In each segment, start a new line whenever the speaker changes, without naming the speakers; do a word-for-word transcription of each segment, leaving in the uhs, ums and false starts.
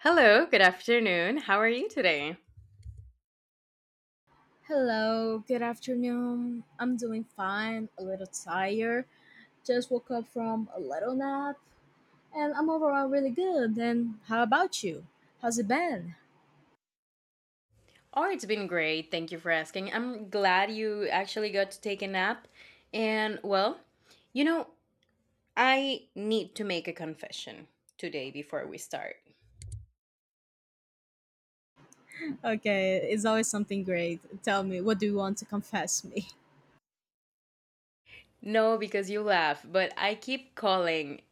Hello, good afternoon. How are you today?
Hello, good afternoon. I'm doing fine, a little tired. Just woke up from a little nap, and I'm overall really good. And how about you? How's it been?
Oh, it's been great. Thank you for asking. I'm glad you actually got to take a nap. And well, you know, I need to make a confession today before we start.
Okay, it's always something great. Tell me, what do you want to confess me?
No, because you laugh, but I keep calling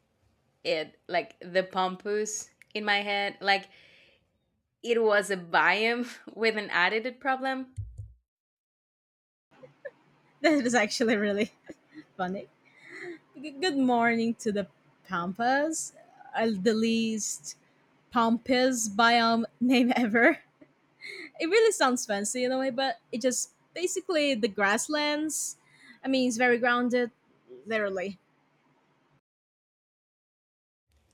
it like the Pompous in my head. Like it was a biome with an attitude problem.
That is actually really funny. G- Good morning to the Pampas, uh, the least Pampas biome name ever. It really sounds fancy in a way, but it just basically the grasslands. I mean, it's very grounded, literally.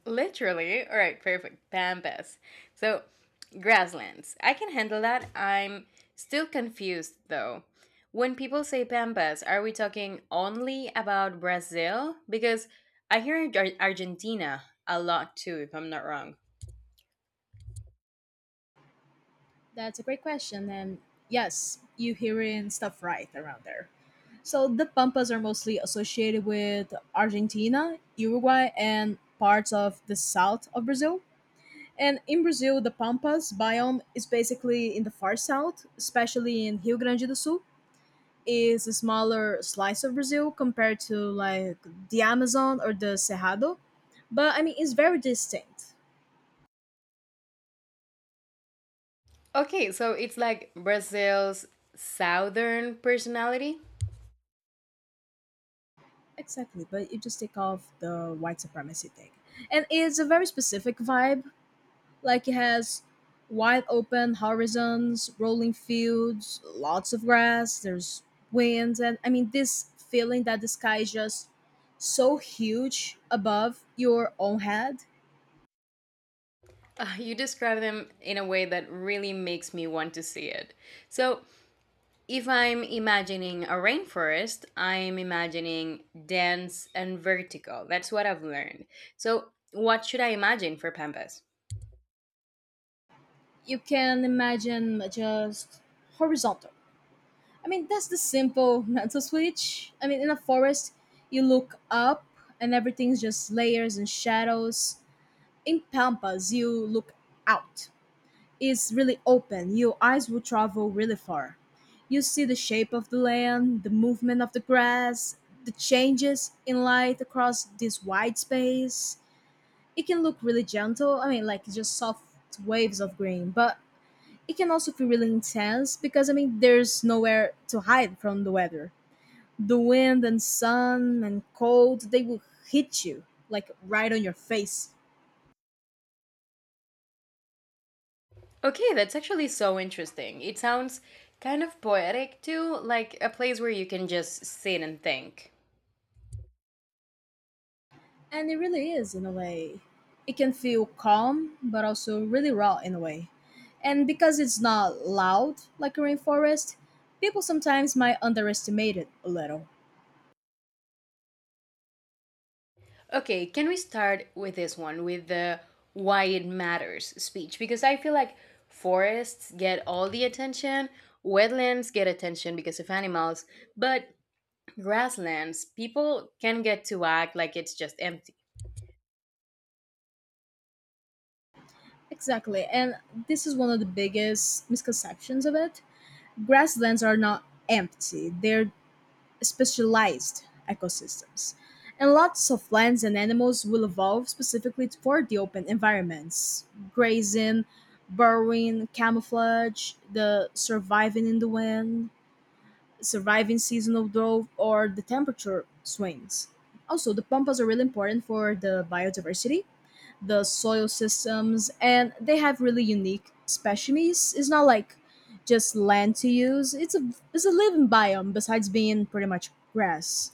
Literally. All right, perfect. Pampas. So, grasslands. I can handle that. I'm still confused though. When people say pampas, are we talking only about Brazil? Because I hear Ar- Argentina a lot too, if I'm not wrong.
That's a great question, and yes, you hearing stuff right around there. So the pampas are mostly associated with Argentina, Uruguay, and parts of the south of Brazil. And in Brazil, the pampas biome is basically in the far south, especially in Rio Grande do Sul. Is a smaller slice of Brazil compared to like the Amazon or the Cerrado. But I mean, it's very distinct.
Okay, so it's like Brazil's southern personality.
Exactly. But you just take off the white supremacy thing. And it's a very specific vibe. Like it has wide open horizons, rolling fields, lots of grass, there's winds. And I mean, this feeling that the sky is just so huge above your own head.
Uh, you describe them in a way that really makes me want to see it. So, if I'm imagining a rainforest, I'm imagining dense and vertical. That's what I've learned. So, what should I imagine for Pampas?
You can imagine just horizontal. I mean, that's the simple mental switch. I mean, in a forest, you look up and everything's just layers and shadows. In pampas, you look out. It's really open. Your eyes will travel really far. You see the shape of the land, the movement of the grass, the changes in light across this wide space. It can look really gentle. I mean, like just soft waves of green, but it can also feel really intense, because I mean, there's nowhere to hide from the weather, the wind and sun and cold. They will hit you like right on your face.
Okay, that's actually so interesting. It sounds kind of poetic too, like a place where you can just sit and think.
And it really is, in a way. It can feel calm but also really raw, in a way. And because it's not loud like a rainforest, people sometimes might underestimate it a little.
Okay, can we start with this one, with the why it matters speech? Because I feel like forests get all the attention, wetlands get attention because of animals, but grasslands, people can get to act like it's just empty.
Exactly. And this is one of the biggest misconceptions of it. Grasslands are not empty, they're specialized ecosystems, and lots of plants and animals will evolve specifically for the open environments. Grazing, burrowing, camouflage, the surviving in the wind, surviving seasonal drought, or the temperature swings. Also, the pampas are really important for the biodiversity, the soil systems, and they have really unique specimens. It's not like just land to use. It's a it's a living biome besides being pretty much grass.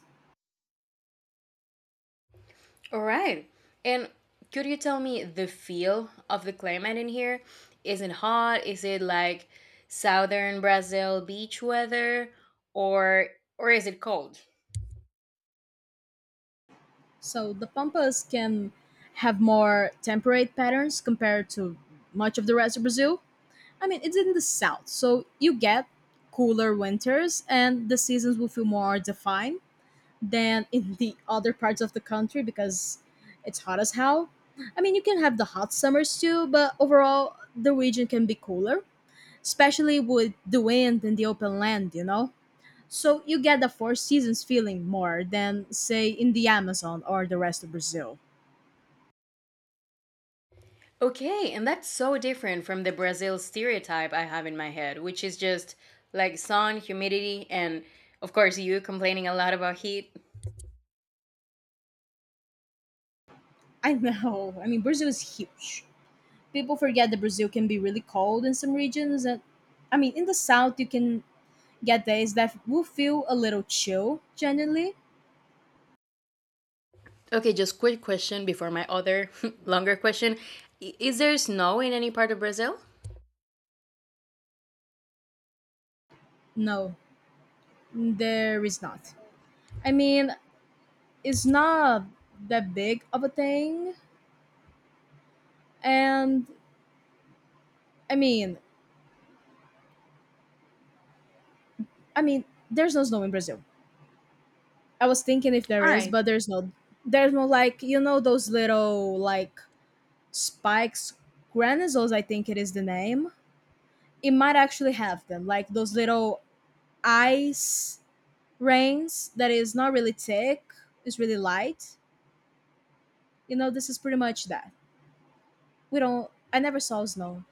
All right. And could you tell me the feel of the climate in here? Is it hot? Is it like southern Brazil beach weather or or is it cold?
So the pampas can have more temperate patterns compared to much of the rest of Brazil. I mean, it's in the south, so you get cooler winters and the seasons will feel more defined than in the other parts of the country, because it's hot as hell. I mean, you can have the hot summers too, but overall, the region can be cooler, especially with the wind and the open land, you know? So you get the four seasons feeling more than, say, in the Amazon or the rest of Brazil.
Okay, and that's so different from the Brazil stereotype I have in my head, which is just like sun, humidity, and of course you complaining a lot about heat.
I know. I mean, Brazil is huge. People forget that Brazil can be really cold in some regions. And I mean, in the south, you can get days that will feel a little chill, generally.
Okay, just quick question before my other longer question. I- Is there snow in any part of Brazil?
No, there is not. I mean, it's not that big of a thing. And I mean, I mean, there's no snow in Brazil. I was thinking if there
All
is,
right.
but there's no. There's no, like, you know those little like spikes, granizoles. I think it is the name. It might actually have them, like those little ice rains that is not really thick. It's really light. You know, this is pretty much that. We don't. I never saw snow.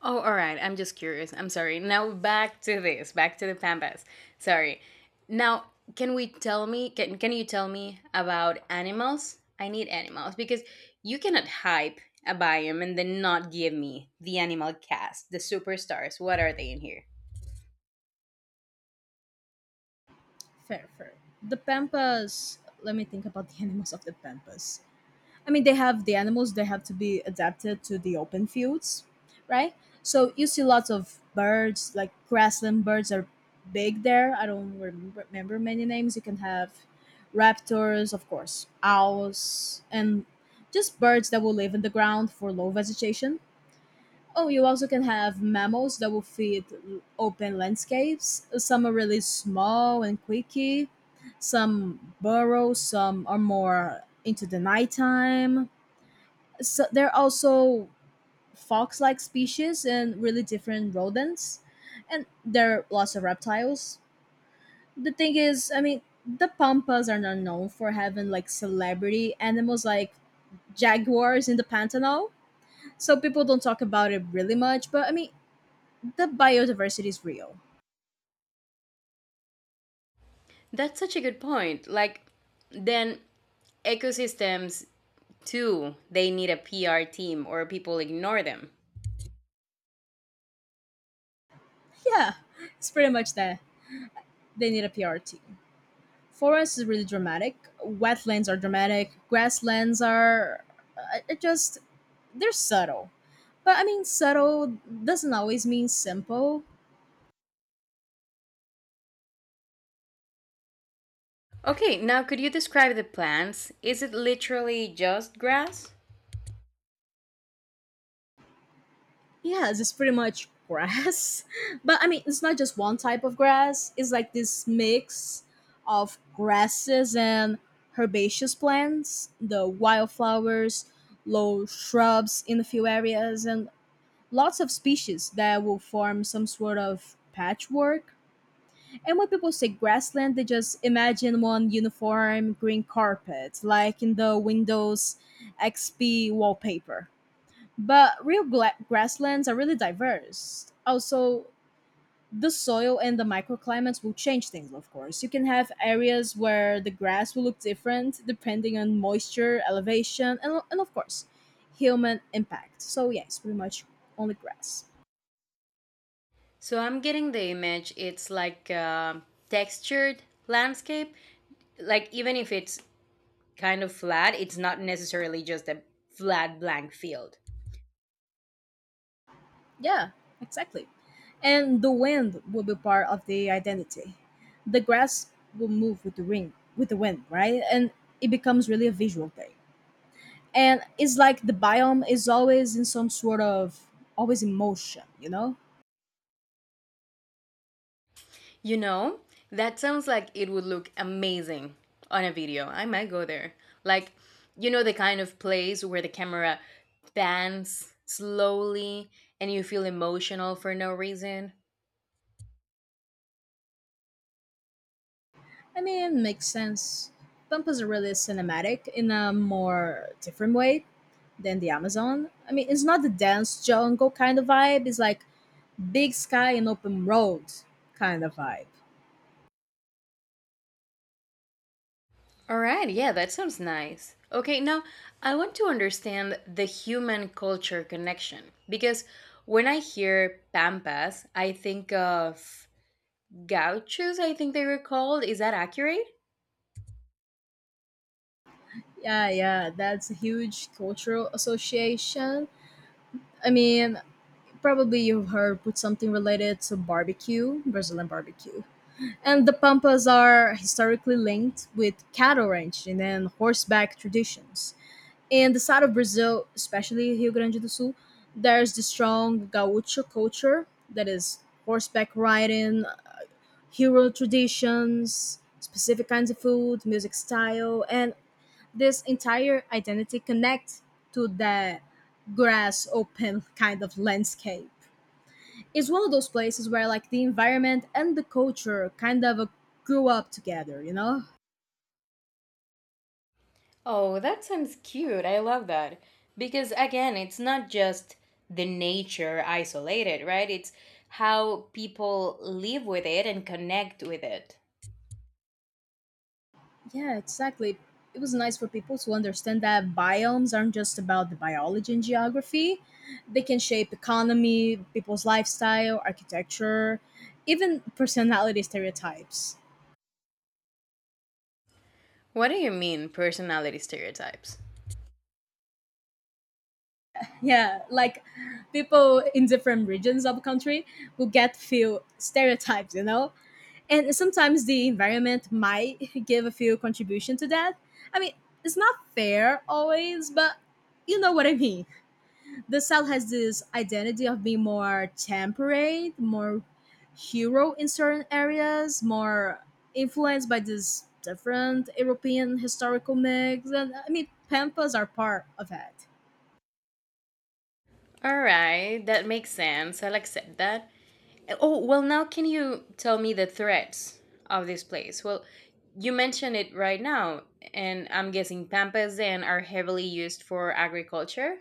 Oh, all right. I'm just curious. I'm sorry. Now back to this, back to the Pampas. Sorry. Now, can we tell me can can you tell me about animals? I need animals because you cannot hype a biome and then not give me the animal cast, the superstars. What are they in here?
Fair, fair. The Pampas. Let me think about the animals of the Pampas. I mean, they have the animals. They have to be adapted to the open fields, right? So you see lots of birds, like grassland birds, are big there. I don't remember, remember many names. You can have raptors, of course, owls, and just birds that will live in the ground for low vegetation. Oh, you also can have mammals that will feed l- open landscapes. Some are really small and quicky. Some burrow. Some are more into the nighttime. So there are also fox-like species and really different rodents, and there are lots of reptiles. The thing is, I mean, the pampas are not known for having like celebrity animals like jaguars in the Pantanal, so people don't talk about it really much, but I mean, the biodiversity is real.
That's such a good point. Like, then ecosystems too, they need a P R team or people ignore them.
Yeah, it's pretty much that. They need a P R team. Forests is really dramatic. Wetlands are dramatic. Grasslands are, uh, it just they're subtle. But I mean, subtle doesn't always mean simple.
Okay, now could you describe the plants? Is it literally just grass?
Yes, it's pretty much grass. But I mean, it's not just one type of grass. It's like this mix of grasses and herbaceous plants, the wildflowers, low shrubs in a few areas, and lots of species that will form some sort of patchwork. And when people say grassland, they just imagine one uniform green carpet, like in the Windows X P wallpaper. But real gla- grasslands are really diverse. Also, the soil and the microclimates will change things, of course. You can have areas where the grass will look different depending on moisture, elevation, and, and of course, human impact. So, yes, pretty much only grass.
So I'm getting the image, it's like a textured landscape. Like, even if it's kind of flat, it's not necessarily just a flat blank field.
Yeah, exactly. And the wind will be part of the identity. The grass will move with the ring, with the wind, right? And it becomes really a visual thing. And it's like the biome is always in some sort of always in motion, you know?
You know, that sounds like it would look amazing on a video. I might go there. Like, you know, the kind of place where the camera pans slowly and you feel emotional for no reason.
I mean, makes sense. Pampas are really cinematic in a more different way than the Amazon. I mean, it's not the dense jungle kind of vibe. It's like big sky and open road kind of vibe.
All right, yeah, that sounds nice. Okay, now I want to understand the human culture connection because when I hear Pampas, I think of gauchos, I think they were called. Is that accurate?
Yeah, yeah, that's a huge cultural association. I mean, probably you've heard put something related to barbecue, Brazilian barbecue. And the Pampas are historically linked with cattle ranching and horseback traditions. In the south of Brazil, especially Rio Grande do Sul, there's the strong gaucho culture that is horseback riding, hero traditions, specific kinds of food, music style, and this entire identity connect to that grass open kind of landscape. It's one of those places where like the environment and the culture kind of uh, grew up together, you know.
Oh, that sounds cute. I love that. Because again, it's not just the nature isolated, right? It's how people live with it and connect with it.
Yeah, exactly. It was nice for people to understand that biomes aren't just about the biology and geography. They can shape economy, people's lifestyle, architecture, even personality stereotypes.
What do you mean, personality stereotypes?
Yeah, like, people in different regions of country will get few stereotypes, you know, and sometimes the environment might give a few contribution to that. I mean, it's not fair always, but you know what I mean. The south has this identity of being more temperate, more hero in certain areas, more influenced by this different European historical mix, and I mean, pampas are part of that.
All right, that makes sense. I'll accept that. Oh, well, now can you tell me the threats of this place? Well, you mentioned it right now, and I'm guessing pampas then are heavily used for agriculture?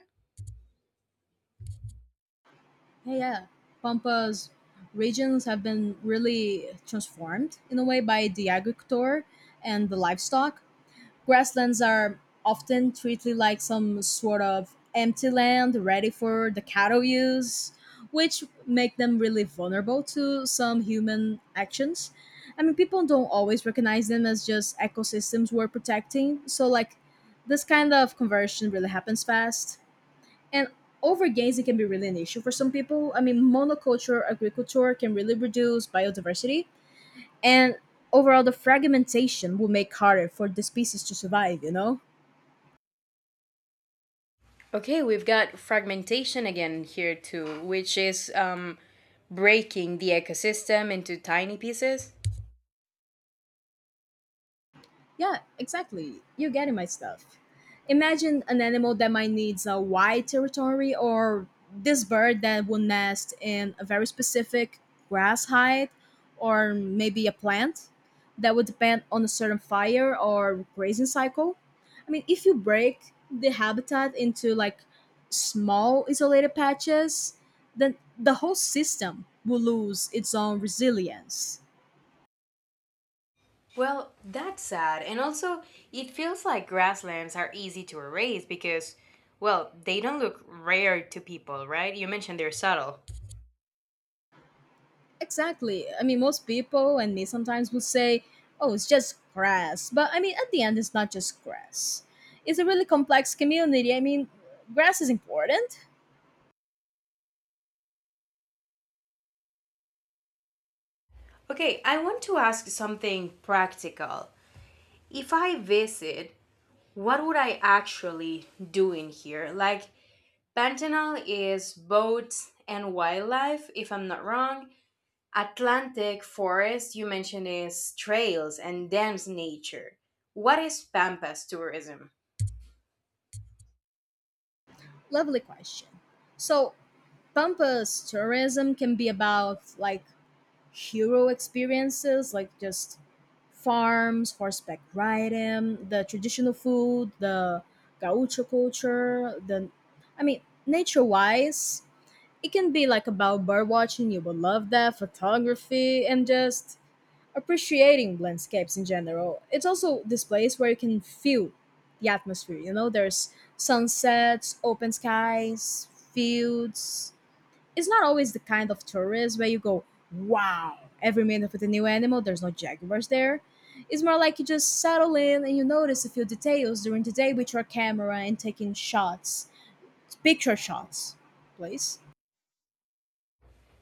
Hey. Yeah, Pampa's regions have been really transformed in a way by the agriculture and the livestock. Grasslands are often treated like some sort of empty land ready for the cattle use, which make them really vulnerable to some human actions. I mean, people don't always recognize them as just ecosystems we're protecting. So, like, this kind of conversion really happens fast. And overgazing can be really an issue for some people. I mean, monoculture agriculture can really reduce biodiversity, and overall, the fragmentation will make harder for the species to survive. You know.
Okay, we've got fragmentation again here too, which is um, breaking the ecosystem into tiny pieces.
Yeah, exactly. You're getting my stuff. Imagine an animal that might needs a wide territory, or this bird that will nest in a very specific grass height, or maybe a plant that would depend on a certain fire or grazing cycle. I mean, if you break the habitat into like small isolated patches, then the whole system will lose its own resilience.
Well, that's sad. And also, it feels like grasslands are easy to erase because, well, they don't look rare to people, right? You mentioned they're subtle.
Exactly. I mean, most people and me sometimes will say, oh, it's just grass. But I mean, at the end, it's not just grass. It's a really complex community. I mean, grass is important.
Okay, I want to ask something practical. If I visit, what would I actually do in here? Like, Pantanal is boats and wildlife, if I'm not wrong, Atlantic forest you mentioned is trails and dense nature. What is Pampas tourism?
Lovely question. So, Pampas tourism can be about like hero experiences, like just farms, horseback riding, the traditional food, the gaucho culture, the, I mean, nature wise, it can be like about bird watching, you will love that, photography, and just appreciating landscapes in general. It's also this place where you can feel the atmosphere, you know, there's sunsets, open skies, fields. It's not always the kind of tourist where you go, wow, every minute with a new animal, there's no jaguars there. It's more like you just settle in and you notice a few details during the day with your camera and taking shots, picture shots, please.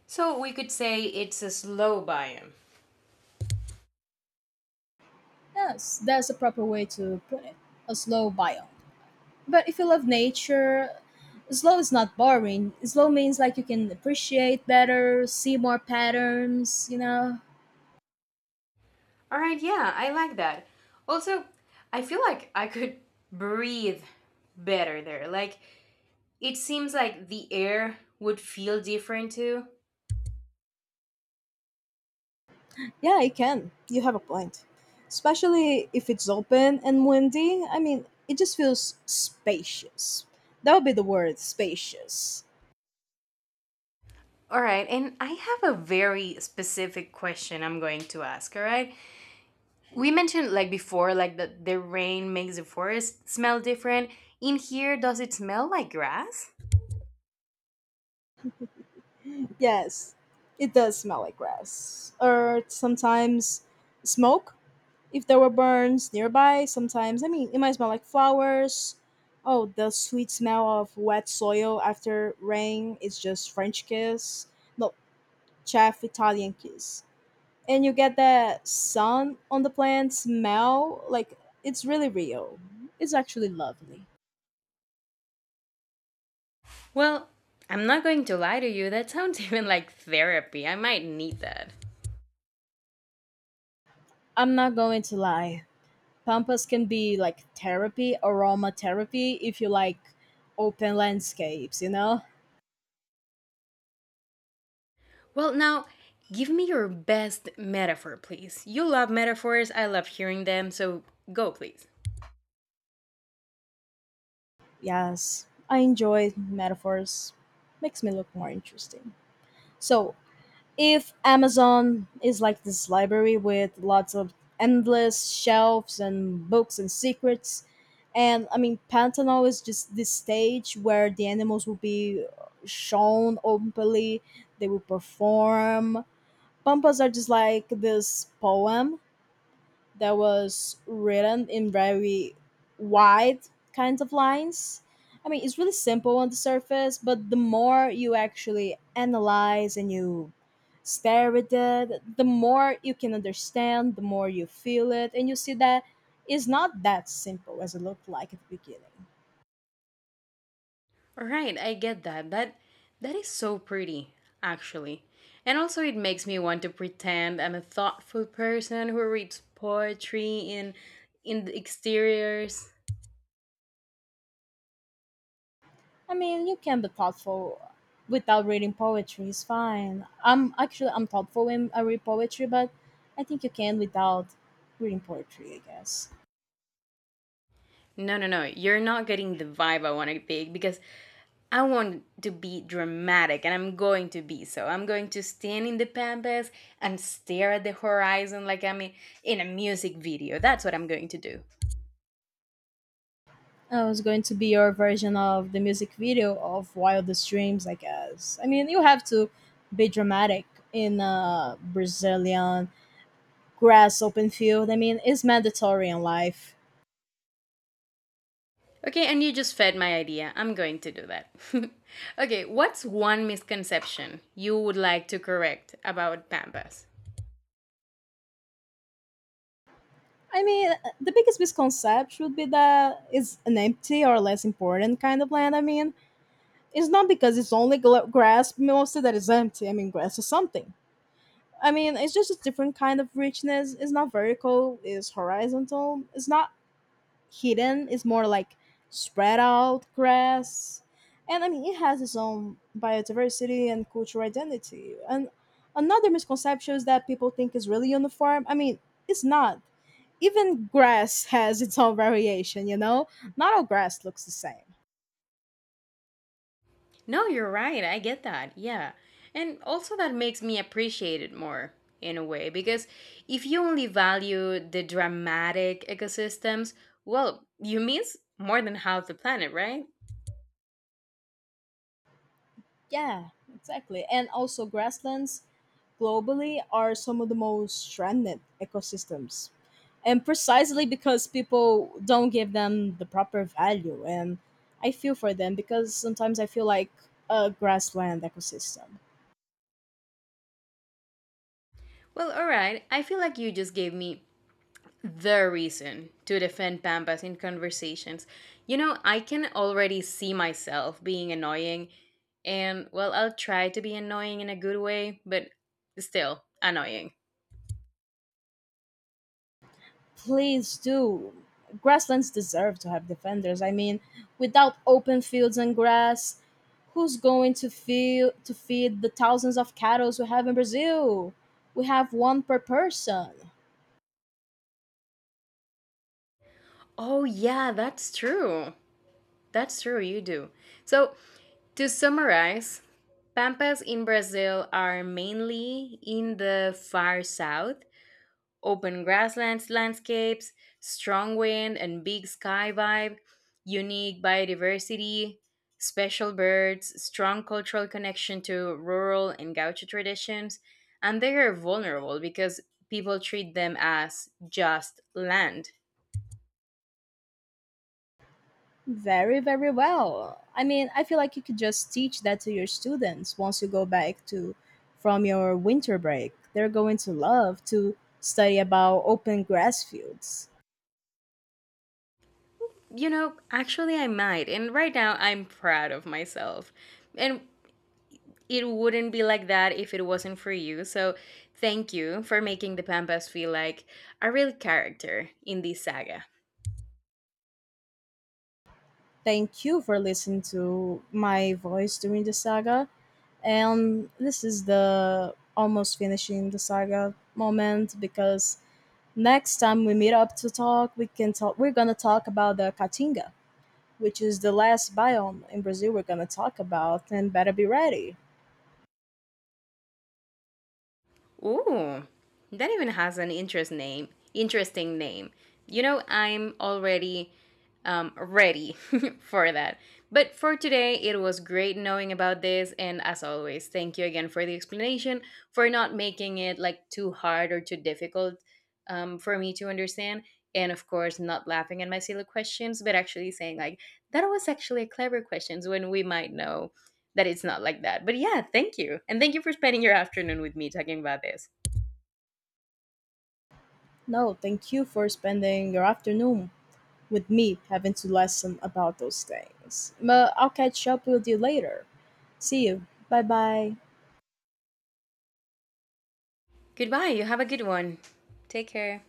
So we could say it's a slow biome.
Yes, that's a proper way to put it. A slow biome. But if you love nature, slow is not boring. Slow means like you can appreciate better, see more patterns, you know.
All right, yeah, I like that. Also, I feel like I could breathe better there. Like it seems like the air would feel different too.
Yeah, it can. You have a point. Especially if it's open and windy. I mean, it just feels spacious. That would be the word, spacious.
All right, and I have a very specific question I'm going to ask, all right? We mentioned like before like that the rain makes the forest smell different in here, does it smell like grass?
Yes, it does smell like grass. Or sometimes smoke. If there were burns nearby, sometimes, I mean, it might smell like flowers. Oh, the sweet smell of wet soil after rain is just French kiss. No, chaff Italian kiss. And you get that sun on the plant smell. Like, it's really real. It's actually lovely.
Well, I'm not going to lie to you, that sounds even like therapy. I might need that.
I'm not going to lie. Pampas can be like therapy, aromatherapy, if you like open landscapes, you know?
Well, now, give me your best metaphor, please. You love metaphors, I love hearing them, so go, please.
Yes, I enjoy metaphors. Makes me look more interesting. So, if Amazon is like this library with lots of endless shelves and books and secrets, and I mean, Pantanal is just this stage where the animals will be shown openly, they will perform. Pampas are just like this poem that was written in very wide kinds of lines. I mean, it's really simple on the surface, but the more you actually analyze and you stare at it, the more you can understand, the more you feel it, and you see that it's not that simple as it looked like at the beginning.
Right, I get that. That that is so pretty, actually. And also it makes me want to pretend I'm a thoughtful person who reads poetry in in the exteriors.
I mean, you can be thoughtful without reading poetry. It's fine. I'm actually I'm thoughtful when I read poetry, but I think you can without reading poetry, I guess.
No, no, no. You're not getting the vibe I want to pick because I want to be dramatic and I'm going to be so. I'm going to stand in the pampas and stare at the horizon like I'm in in a music video. That's what I'm going to do.
It was going to be your version of the music video of Wildest Dreams, I guess. I mean, you have to be dramatic in a Brazilian grass open field. I mean, it's mandatory in life.
Okay, and you just fed my idea. I'm going to do that. Okay, what's one misconception you would like to correct about Pampas?
I mean, the biggest misconception would be that it's an empty or less important kind of land. I mean, it's not because it's only gl- grass mostly that is empty. I mean, grass is something. I mean, it's just a different kind of richness. It's not vertical, it's horizontal. It's not hidden. It's more like spread out grass. And I mean, it has its own biodiversity and cultural identity. And another misconception is that people think is really on the farm. I mean, it's not. Even grass has its own variation, you know? Not all grass looks the same.
No, you're right. I get that. Yeah. And also, that makes me appreciate it more in a way because if you only value the dramatic ecosystems, well, you miss more than half the planet, right?
Yeah, exactly. And also, grasslands globally are some of the most stranded ecosystems. And precisely because people don't give them the proper value. And I feel for them because sometimes I feel like a grassland ecosystem.
Well, alright. I feel like you just gave me the reason to defend Pampas in conversations. You know, I can already see myself being annoying, and well, I'll try to be annoying in a good way, but still annoying.
Please do. Grasslands deserve to have defenders. I mean, without open fields and grass, who's going to feel to feed the thousands of cattle we have in Brazil? We have one per person.
Oh, yeah, that's true. That's true, you do. So, to summarize, Pampas in Brazil are mainly in the far south, open grasslands landscapes, strong wind and big sky vibe, unique biodiversity, special birds, strong cultural connection to rural and gaucho traditions, and they are vulnerable because people treat them as just land.
Very, very well. I mean, I feel like you could just teach that to your students once you go back to from your winter break. They're going to love to study about open grass fields.
You know, actually, I might, and right now I'm proud of myself. And it wouldn't be like that if it wasn't for you. So thank you for making the Pampas feel like a real character in this saga.
Thank you for listening to my voice during the saga. And this is the almost finishing the saga moment because next time we meet up to talk, we can talk we're gonna talk about the Caatinga, which is the last biome in Brazil we're going to talk about, and better be ready.
Ooh, that even has an interest name. Interesting name. You know, I'm already um, ready for that. But for today, it was great knowing about this. And as always, thank you again for the explanation, for not making it like too hard or too difficult um, for me to understand. And of course, not laughing at my silly questions, but actually saying, like, that was actually a clever questions when we might know that it's not like that. But yeah, thank you. And thank you for spending your afternoon with me talking about this.
No, thank you for spending your afternoon with me having to lesson about those things. But I'll catch up with you later. See you. Bye bye.
Goodbye. You have a good one. Take care.